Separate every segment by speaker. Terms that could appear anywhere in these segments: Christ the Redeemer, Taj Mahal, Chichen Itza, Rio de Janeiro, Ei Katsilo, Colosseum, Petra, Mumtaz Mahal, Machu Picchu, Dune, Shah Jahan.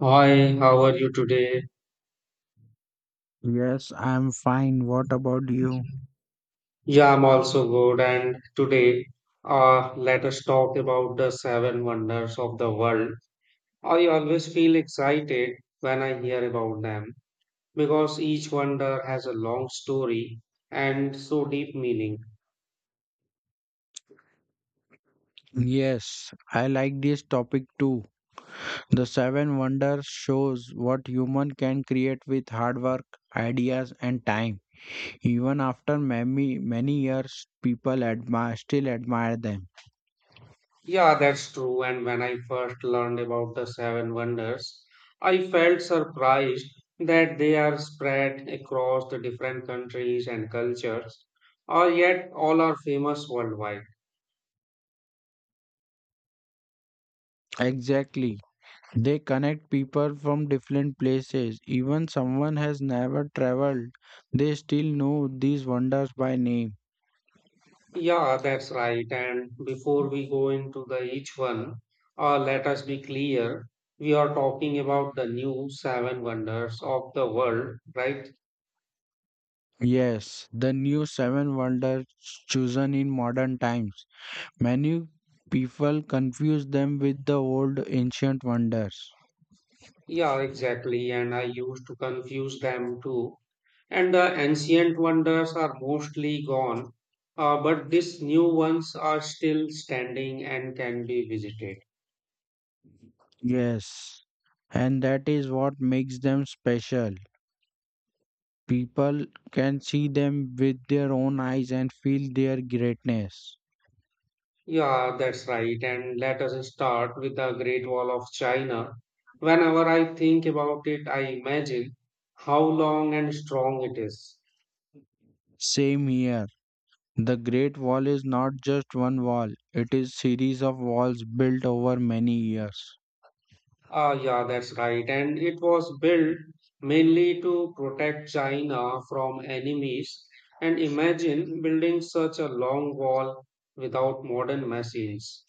Speaker 1: Hi, how are you today?
Speaker 2: Yes, I'm fine. What about you?
Speaker 1: Yeah, I'm also good. And today, let us talk about the seven wonders of the world. I always feel excited when I hear about them because each wonder has a long story and so deep meaning.
Speaker 2: Yes, I like this topic too. The Seven Wonders shows what human can create with hard work, ideas, and time. Even after many years, people admire still admire them.
Speaker 1: Yeah, that's true. And when I first learned about the seven wonders, I felt surprised that they are spread across the different countries and cultures, or yet all are famous worldwide.
Speaker 2: Exactly. They connect people from different places. Even someone has never traveled, they still know these wonders by name.
Speaker 1: Yeah, that's right. And before we go into the each one, let us be clear. We are talking about the new seven wonders of the world, right?
Speaker 2: Yes, the new seven wonders chosen in modern times. Many people confuse them with the old ancient wonders.
Speaker 1: Yeah, exactly. And I used to confuse them too. And the ancient wonders are mostly gone, but these new ones are still standing and can be visited.
Speaker 2: Yes, and that is what makes them special. People can see them with their own eyes and feel their greatness.
Speaker 1: Yeah, that's right. And let us start with the Great Wall of China. Whenever I think about it, I imagine how long and strong it is.
Speaker 2: Same here. The Great Wall is not just one wall, it is series of walls built over many years.
Speaker 1: Ah, yeah, that's right. And it was built mainly to protect China from enemies. And imagine building such a long wall without modern machines.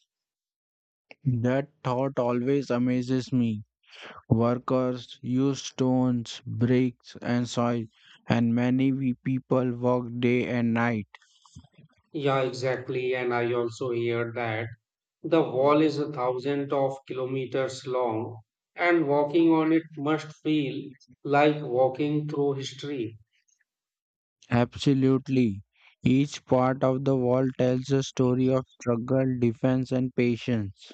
Speaker 2: That thought always amazes me. Workers used stones, bricks, and soil, and many we people worked day and night.
Speaker 1: Yeah, exactly. And I also hear that. The wall is 1,000 of kilometers long, and walking on it must feel like walking through history.
Speaker 2: Absolutely. Each part of the wall tells a story of struggle, defense, and patience.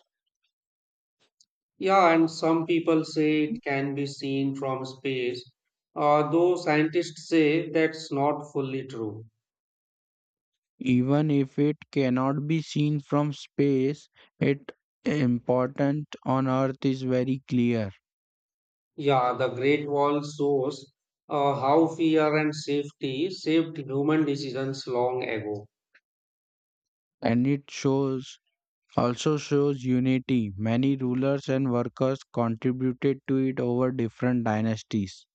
Speaker 1: Yeah, and some people say it can be seen from space, though scientists say that's not fully true.
Speaker 2: Even if it cannot be seen from space, it important on earth is very clear
Speaker 1: Yeah, the Great Wall shows how fear and safety shaped human decisions long ago.
Speaker 2: and it shows also shows unity. Many rulers and workers contributed to it over different dynasties.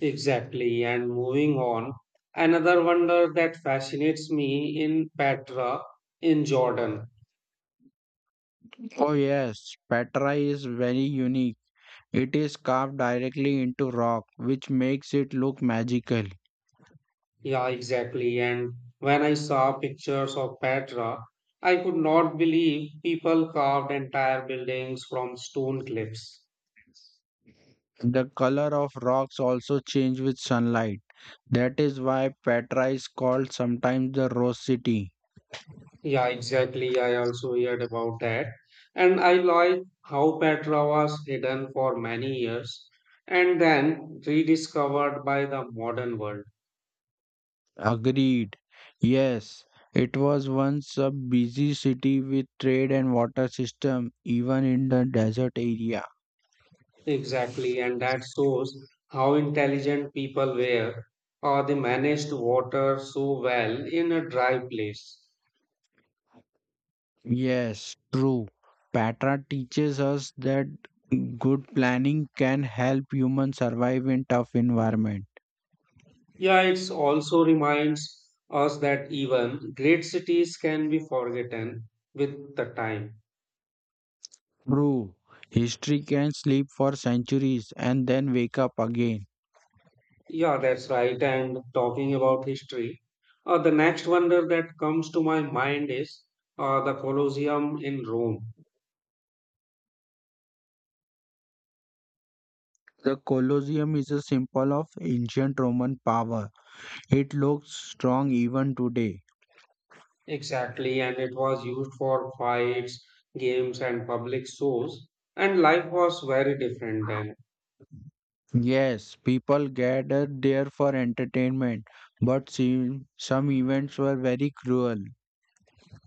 Speaker 1: Exactly. And moving on, another wonder that fascinates me in Petra in Jordan.
Speaker 2: Oh yes, Petra is very unique. It is carved directly into rock, which makes it look magical.
Speaker 1: Yeah, exactly. And when I saw pictures of Petra, I could not believe people carved entire buildings from stone cliffs.
Speaker 2: The color of rocks also change with sunlight. That is why Petra is called sometimes the Rose City.
Speaker 1: Yeah, exactly. I also heard about that. And I like how Petra was hidden for many years and then rediscovered by the modern world.
Speaker 2: Agreed. Yes, it was once a busy city with trade and water system, even in the desert area.
Speaker 1: Exactly, and that shows how intelligent people were, or they managed water so well in a dry place.
Speaker 2: Yes, true. Patra teaches us that good planning can help humans survive in tough environment.
Speaker 1: Yeah, it also reminds us that even great cities can be forgotten with the time.
Speaker 2: True. History can sleep for centuries and then wake up again.
Speaker 1: Yeah, that's right. And talking about history, the next wonder that comes to my mind is the Colosseum in Rome.
Speaker 2: The Colosseum is a symbol of ancient Roman power. It looks strong even today.
Speaker 1: Exactly, and it was used for fights, games, and public shows. And life was very different then.
Speaker 2: Yes, people gathered there for entertainment, but some events were very cruel.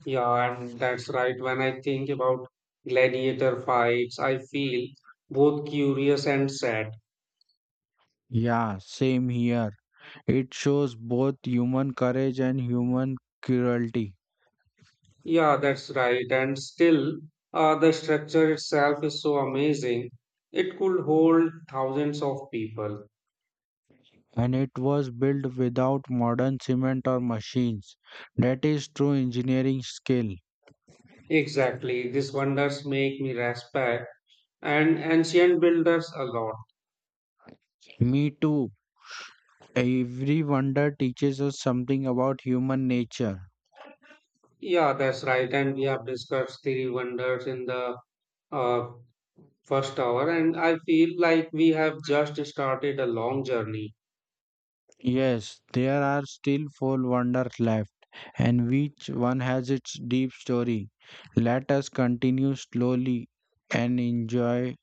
Speaker 1: Yeah, and that's right. When I think about gladiator fights, I feel both curious and sad.
Speaker 2: Yeah, same here. It shows both human courage and human cruelty,
Speaker 1: Yeah, that's right. And still, the structure itself is so amazing. It could hold thousands of people.
Speaker 2: and it was built without modern cement or machines. That is true engineering skill.
Speaker 1: Exactly. These wonders make me respect and ancient builders a lot.
Speaker 2: Me too. Every wonder teaches us something about human nature.
Speaker 1: Yeah, that's right. And we have discussed the wonders in the uh, first hour, and I feel like we have just started a long journey.
Speaker 2: Yes, there are still four wonders left, and each one has its deep story. Let us continue slowly and enjoy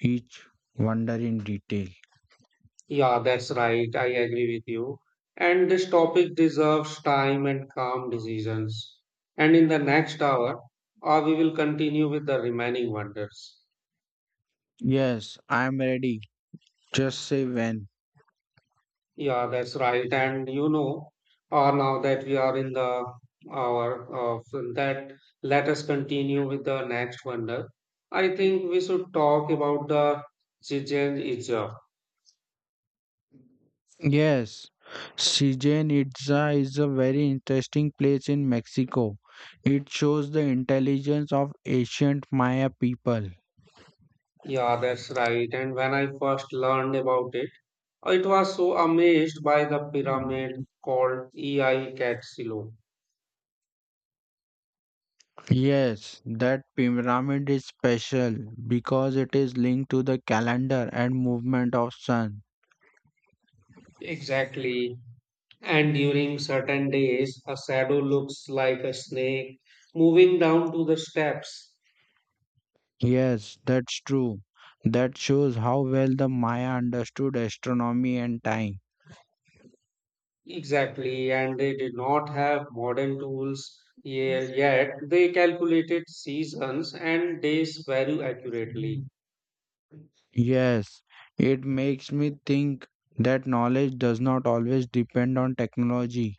Speaker 2: each wonder in detail.
Speaker 1: Yeah, that's right. I agree with you. And this topic deserves time and calm decisions. And in the next hour, we will continue with the remaining wonders.
Speaker 2: Yes, I am ready. Just say when.
Speaker 1: Yeah, that's right. And you know, now that we are in the hour of that, let us continue with the next wonder. I think we should talk about the Chichen Itza.
Speaker 2: Yes, Chichen Itza is a very interesting place in Mexico. It shows the intelligence of ancient Maya people.
Speaker 1: Yeah, that's right. And when I first learned about it, it was so amazed by the pyramid called Ei Katsilo.
Speaker 2: Yes, that pyramid is special because it is linked to the calendar and movement of sun.
Speaker 1: Exactly. And during certain days, a shadow looks like a snake moving down to the steps.
Speaker 2: Yes, that's true. That shows how well the Maya understood astronomy and time.
Speaker 1: Exactly, and they did not have modern tools yet. They calculated seasons and days very accurately.
Speaker 2: Yes, it makes me think that knowledge does not always depend on technology.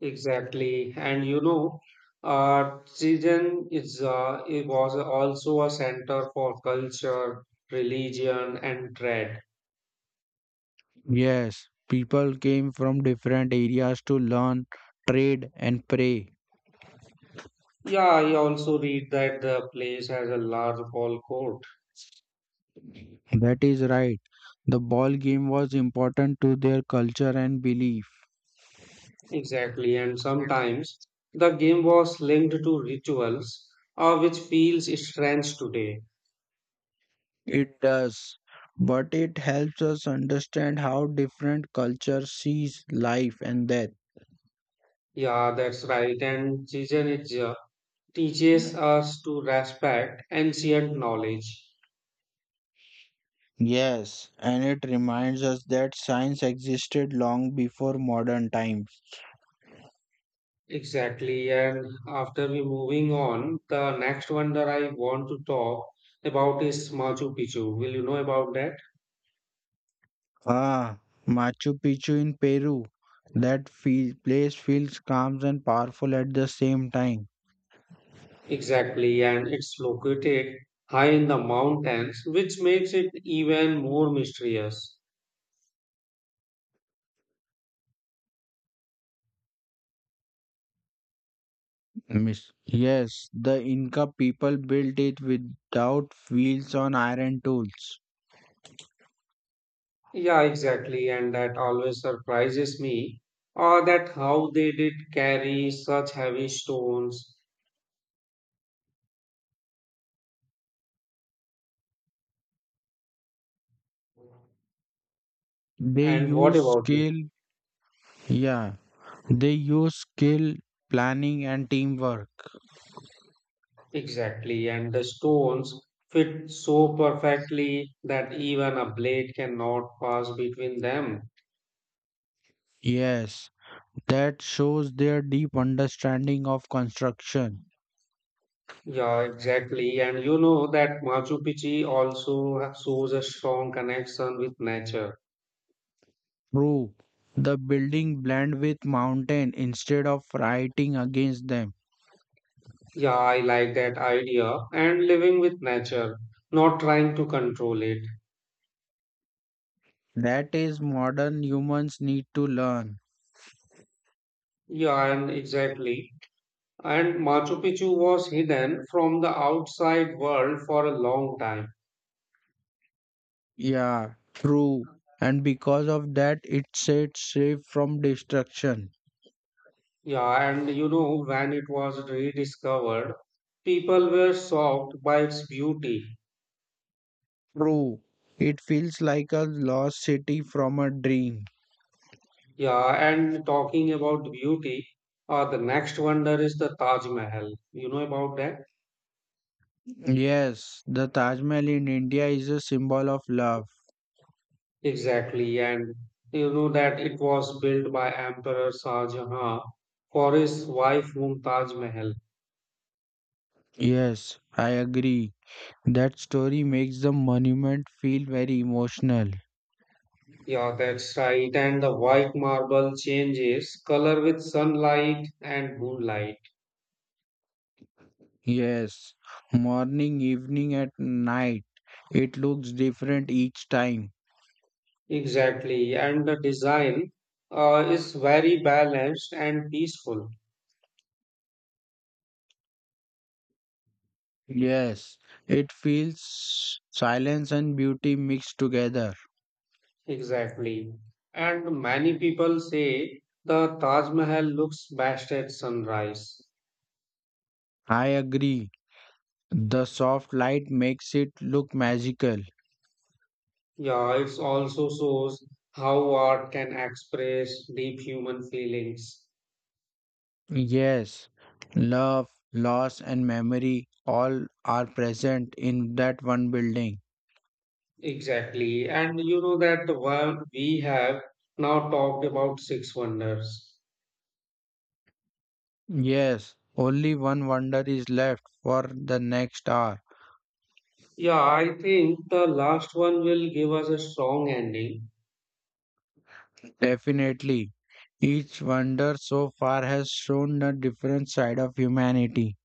Speaker 1: Exactly, and you know, season is it was also a center for culture, religion, and trade.
Speaker 2: Yes, people came from different areas to learn, trade, and pray.
Speaker 1: Yeah, I also read that the place has a large ball court.
Speaker 2: That is right. The ball game was important to their culture and belief.
Speaker 1: Exactly, and sometimes the game was linked to rituals, which feels strange today.
Speaker 2: It does. But it helps us understand how different culture sees life and death.
Speaker 1: Yeah, that's right. And Jizen is, teaches us to respect ancient knowledge.
Speaker 2: Yes, and it reminds us that science existed long before modern times.
Speaker 1: Exactly. And after we moving on, the next one that I want to talk about is Machu Picchu. Will you know about that?
Speaker 2: Ah, Machu Picchu in Peru. Place feels calm and powerful at the same time.
Speaker 1: Exactly. And it's located high in the mountains, which makes it even more mysterious.
Speaker 2: Miss. Yes, the Inca people built it without wheels on iron tools.
Speaker 1: Yeah, exactly. And that always surprises me, or that how they did carry such heavy stones.
Speaker 2: They
Speaker 1: And what
Speaker 2: use
Speaker 1: about you?
Speaker 2: skill, yeah, they use skill, planning, and teamwork.
Speaker 1: Exactly. And the stones fit so perfectly that even a blade cannot pass between them.
Speaker 2: Yes, that shows their deep understanding of construction.
Speaker 1: Yeah, exactly. And you know that Machu Picchu also shows a strong connection with nature.
Speaker 2: True, the building blend with mountain instead of fighting against them.
Speaker 1: Yeah, I like that idea. And living with nature, not trying to control it.
Speaker 2: That is modern humans need to learn.
Speaker 1: Yeah, and exactly. And Machu Picchu was hidden from the outside world for a long time.
Speaker 2: Yeah, true. And because of that, it sets safe from destruction.
Speaker 1: Yeah, and you know, when it was rediscovered, people were shocked by its beauty.
Speaker 2: True. It feels like a lost city from a dream.
Speaker 1: Yeah, and talking about beauty, the next wonder is the Taj Mahal. You know about that?
Speaker 2: Yes, the Taj Mahal in India is a symbol of love.
Speaker 1: Exactly. And you know that it was built by Emperor Shah Jahan for his wife Mumtaz Mahal.
Speaker 2: Yes, I agree. That story makes the monument feel very emotional.
Speaker 1: Yeah, that's right. And the white marble changes color with sunlight and moonlight.
Speaker 2: Yes, morning, evening, at night. It looks different each time.
Speaker 1: Exactly, and the design is very balanced and peaceful.
Speaker 2: Yes, it feels silence and beauty mixed together.
Speaker 1: Exactly. And many people say the Taj Mahal looks best at sunrise.
Speaker 2: I agree. The soft light makes it look magical.
Speaker 1: Yeah, it also shows how art can express deep human feelings.
Speaker 2: Yes, love, loss, and memory all are present in that one building.
Speaker 1: Exactly. And you know that while we have now talked about six wonders.
Speaker 2: Yes, only one wonder is left for the next hour.
Speaker 1: Yeah, I think the last one will give us a strong ending.
Speaker 2: Definitely. Each wonder so far has shown a different side of humanity.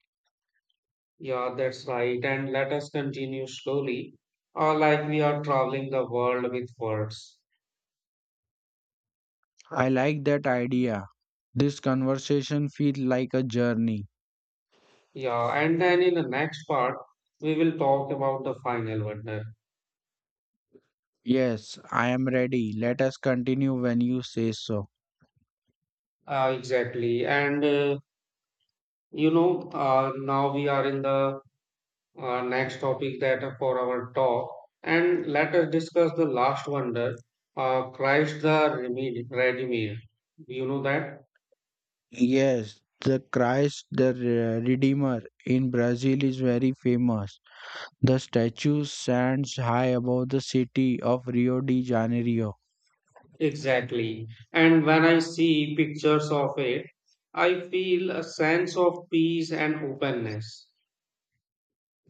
Speaker 1: Yeah, that's right. And let us continue slowly, like we are traveling the world with words.
Speaker 2: I like that idea. This conversation feels like a journey.
Speaker 1: Yeah, and then in the next part, we will talk about the final wonder.
Speaker 2: Yes, I am ready. Let us continue when you say so.
Speaker 1: Exactly. And you know, now we are in the next topic that for our talk, and let us discuss the last wonder, Christ the Redeemer. Redeemer. You know that?
Speaker 2: Yes, the Christ the Redeemer in Brazil is very famous. The statue stands high above the city of Rio de Janeiro.
Speaker 1: Exactly. And when I see pictures of it, I feel a sense of peace and openness.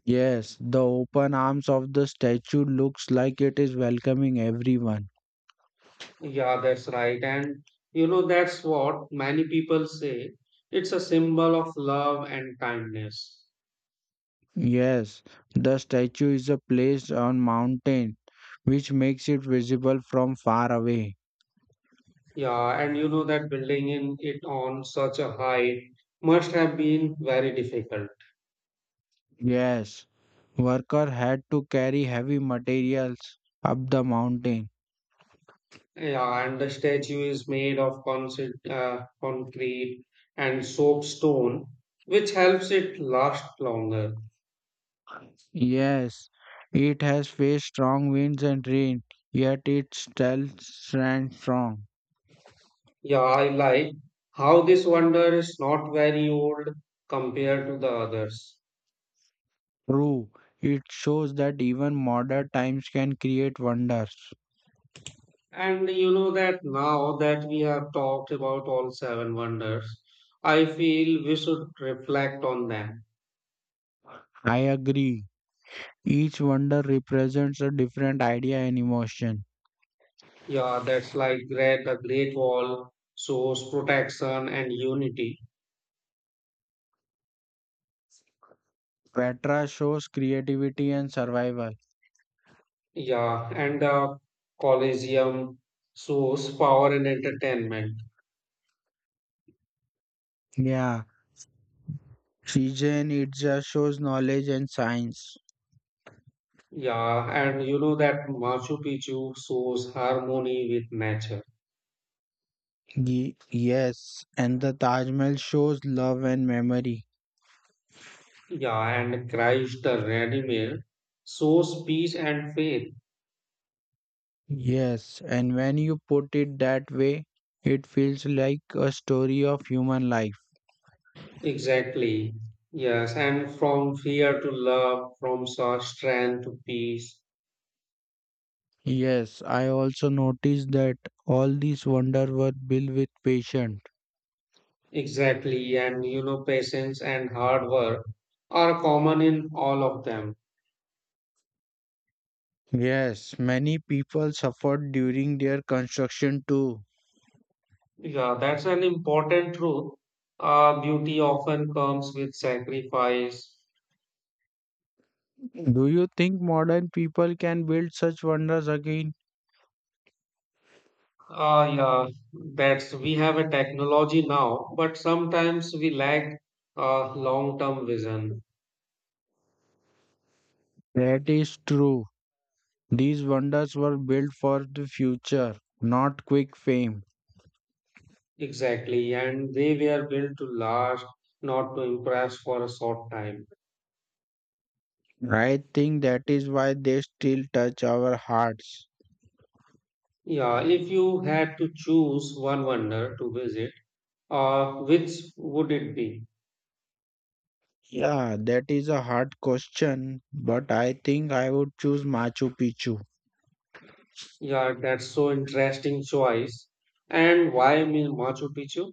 Speaker 2: Yes, the open arms of the statue looks like it is welcoming everyone.
Speaker 1: Yeah, that's right. And you know, that's what many people say. It's a symbol of love and kindness.
Speaker 2: Yes, the statue is a place on mountain which makes it visible from far away.
Speaker 1: Yeah, and you know that building in it on such a height must have been very difficult.
Speaker 2: Yes, worker had to carry heavy materials up the mountain.
Speaker 1: Yeah, and the statue is made of concrete, concrete and soapstone, which helps it last longer.
Speaker 2: Yes, it has faced strong winds and rain, yet it still stands strong.
Speaker 1: Yeah, I like how this wonder is not very old compared to the others.
Speaker 2: True, it shows that even modern times can create wonders.
Speaker 1: And you know that now that we have talked about all seven wonders, I feel we should reflect on them.
Speaker 2: I agree. Each wonder represents a different idea and emotion.
Speaker 1: Yeah, that's like great, the Great Wall shows protection and unity.
Speaker 2: Petra shows creativity and survival.
Speaker 1: Yeah, and the Colosseum shows power and entertainment.
Speaker 2: Yeah, Shizen Itza shows knowledge and science.
Speaker 1: Yeah, and you know that Machu Picchu shows harmony with nature.
Speaker 2: Yes, and the Taj Mahal shows love and memory.
Speaker 1: Yeah, and Christ the Redeemer shows peace and faith.
Speaker 2: Yes, and when you put it that way, it feels like a story of human life.
Speaker 1: Exactly. Yes, and from fear to love, from such strength to peace.
Speaker 2: Yes, I also noticed that all these wonders were built with patience.
Speaker 1: Exactly. And you know, patience and hard work are common in all of them.
Speaker 2: Yes, many people suffered during their construction too.
Speaker 1: Yeah, that's an important truth. Beauty often comes with sacrifice.
Speaker 2: Do you think modern people can build such wonders again?
Speaker 1: Yeah, that's we have a technology now, but sometimes we lack long-term vision.
Speaker 2: That is true. These wonders were built for the future, not quick fame.
Speaker 1: Exactly, and they were built to last, not to impress for a short time.
Speaker 2: I think that is why they still touch our hearts.
Speaker 1: Yeah, if you had to choose one wonder to visit, which would it be?
Speaker 2: Yeah, that is a hard question, but I think I would choose Machu Picchu.
Speaker 1: Yeah, that's so interesting choice. And why mean Machu Picchu?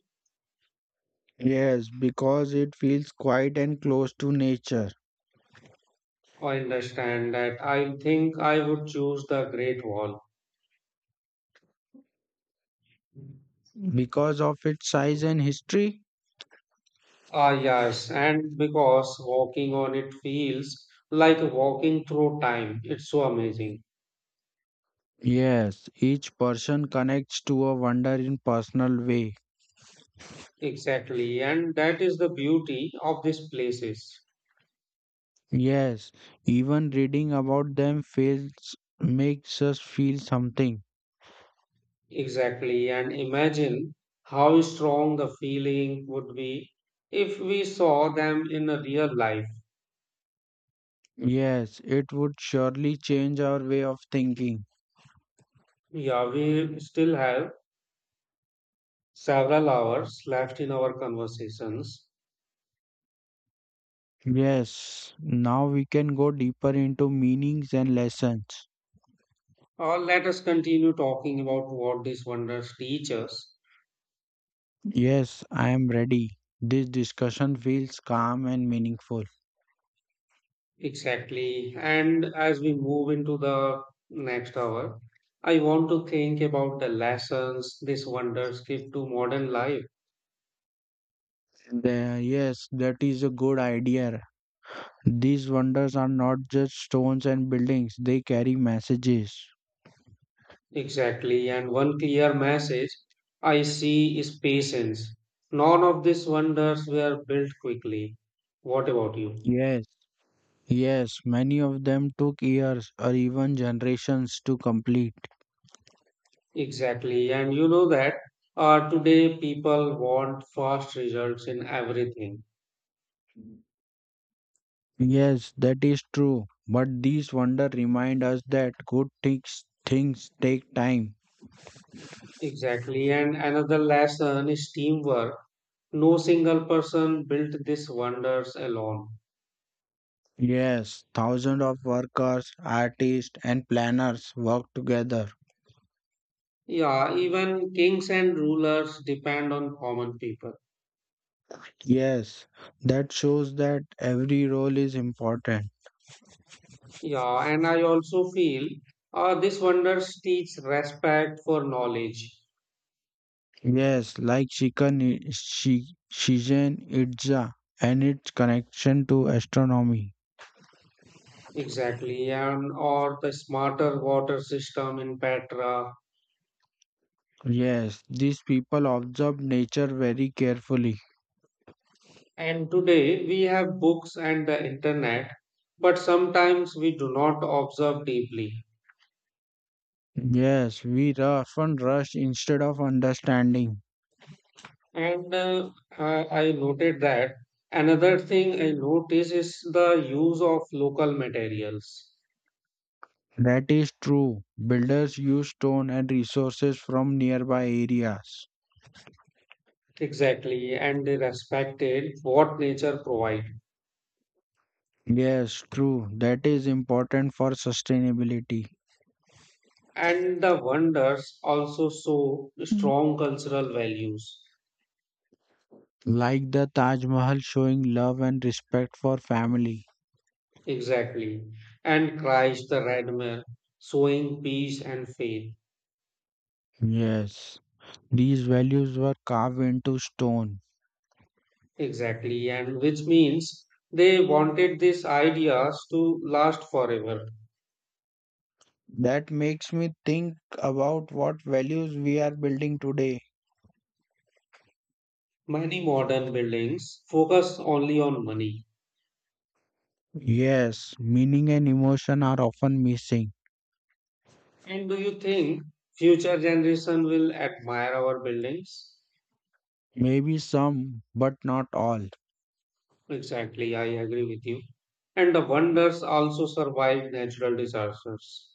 Speaker 2: Yes, because it feels quiet and close to nature.
Speaker 1: I understand that. I think I would choose the Great Wall.
Speaker 2: Because of its size and history?
Speaker 1: Ah, yes, and because walking on it feels like walking through time. It's so amazing.
Speaker 2: Yes, each person connects to a wonder in personal way.
Speaker 1: Exactly, and that is the beauty of these places.
Speaker 2: Yes, even reading about them feels makes us feel something.
Speaker 1: Exactly, and imagine how strong the feeling would be if we saw them in a real life.
Speaker 2: Yes, it would surely change our way of thinking.
Speaker 1: Yeah, we still have several hours left in our conversations.
Speaker 2: Yes, now we can go deeper into meanings and lessons.
Speaker 1: Or let us continue talking about what these wonders teach us.
Speaker 2: Yes, I am ready. This discussion feels calm and meaningful.
Speaker 1: Exactly, and as we move into the next hour, I want to think about the lessons these wonders give to modern life.
Speaker 2: Yes, that is a good idea. These wonders are not just stones and buildings, they carry messages.
Speaker 1: Exactly. And one clear message I see is patience. None of these wonders were built quickly. What about you?
Speaker 2: Yes, yes, many of them took years or even generations to complete.
Speaker 1: Exactly. And you know that today people want fast results in everything.
Speaker 2: Yes, that is true. But these wonders remind us that good things take time.
Speaker 1: Exactly. And another lesson is teamwork. No single person built these wonders alone.
Speaker 2: Yes, thousands of workers, artists, and planners work together.
Speaker 1: Yeah, even kings and rulers depend on common people.
Speaker 2: Yes, that shows that every role is important.
Speaker 1: Yeah, and I also feel this wonders teach respect for knowledge.
Speaker 2: Yes, like Shizen Itza and its connection to astronomy.
Speaker 1: Exactly, and or the smarter water system in Petra.
Speaker 2: Yes, these people observe nature very carefully.
Speaker 1: And today we have books and the internet, but sometimes we do not observe deeply.
Speaker 2: Yes, we often rush instead of understanding.
Speaker 1: And I noted that another thing I notice is the use of local materials.
Speaker 2: That is true. Builders use stone and resources from nearby areas.
Speaker 1: Exactly, and they respected what nature provides.
Speaker 2: Yes, true. That is important for sustainability.
Speaker 1: And the wonders also show
Speaker 2: Mm.
Speaker 1: strong cultural values.
Speaker 2: Like the Taj Mahal showing love and respect for family.
Speaker 1: Exactly. And Christ the Redeemer showing peace and faith.
Speaker 2: Yes, these values were carved into stone.
Speaker 1: Exactly. And which means they wanted these ideas to last forever.
Speaker 2: That makes me think about what values we are building today.
Speaker 1: Many modern buildings focus only on money.
Speaker 2: Yes, meaning and emotion are often missing.
Speaker 1: And do you think future generation will admire our buildings?
Speaker 2: Maybe some, but not all.
Speaker 1: Exactly. I agree with you. And the wonders also survive natural disasters.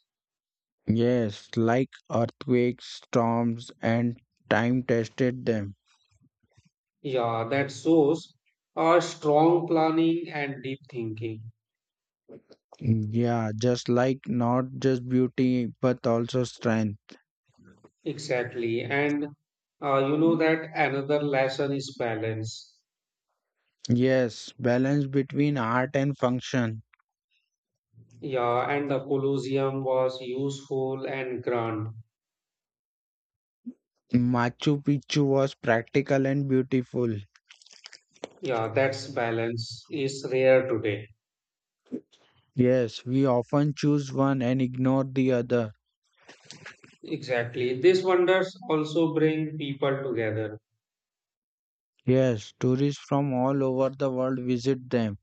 Speaker 2: Yes, like earthquakes, storms, and time tested them.
Speaker 1: Yeah, that shows strong planning and deep thinking.
Speaker 2: Yeah, just like not just beauty but also strength.
Speaker 1: Exactly. And you know that another lesson is balance.
Speaker 2: Yes, balance between art and function.
Speaker 1: Yeah, and the Colosseum was useful and grand.
Speaker 2: Machu Picchu was practical and beautiful.
Speaker 1: Yeah, that's balance is rare today.
Speaker 2: Yes, we often choose one and ignore the other.
Speaker 1: Exactly. These wonders also bring people together.
Speaker 2: Yes, tourists from all over the world visit them.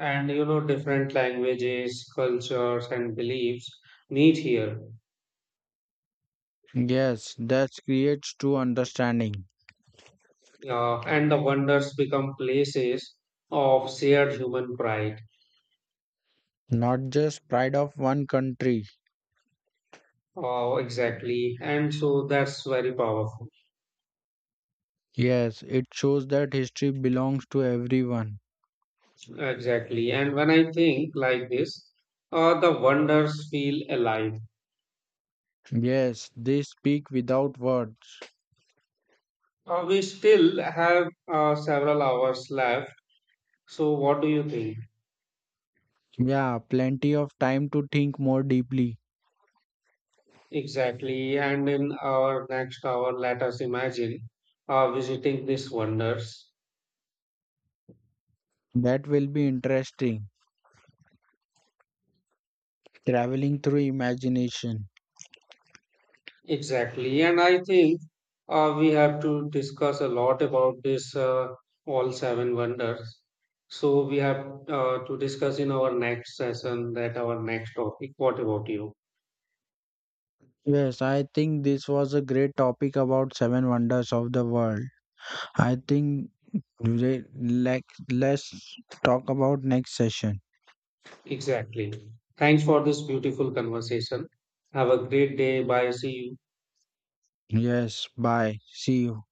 Speaker 1: And you know, different languages, cultures, and beliefs meet here.
Speaker 2: Yes, that creates true understanding,
Speaker 1: And the wonders become places of shared human pride.
Speaker 2: not just pride of one country.
Speaker 1: Oh, exactly. And so that's very powerful.
Speaker 2: Yes, it shows that history belongs to everyone.
Speaker 1: Exactly. And when I think like this, the wonders feel alive.
Speaker 2: Yes, they speak without words.
Speaker 1: We still have several hours left. So, what do you think?
Speaker 2: Yeah, plenty of time to think more deeply.
Speaker 1: Exactly. And in our next hour, let us imagine visiting these wonders.
Speaker 2: That will be interesting. Traveling through imagination.
Speaker 1: Exactly, and I think we have to discuss a lot about this all seven wonders. So we have to discuss in our next session that our next topic. What about you?
Speaker 2: Yes, I think this was a great topic about seven wonders of the world. I think like let's talk about next session.
Speaker 1: Exactly. Thanks for this beautiful conversation. Have a great day. Bye. See you.
Speaker 2: Yes, bye. See you.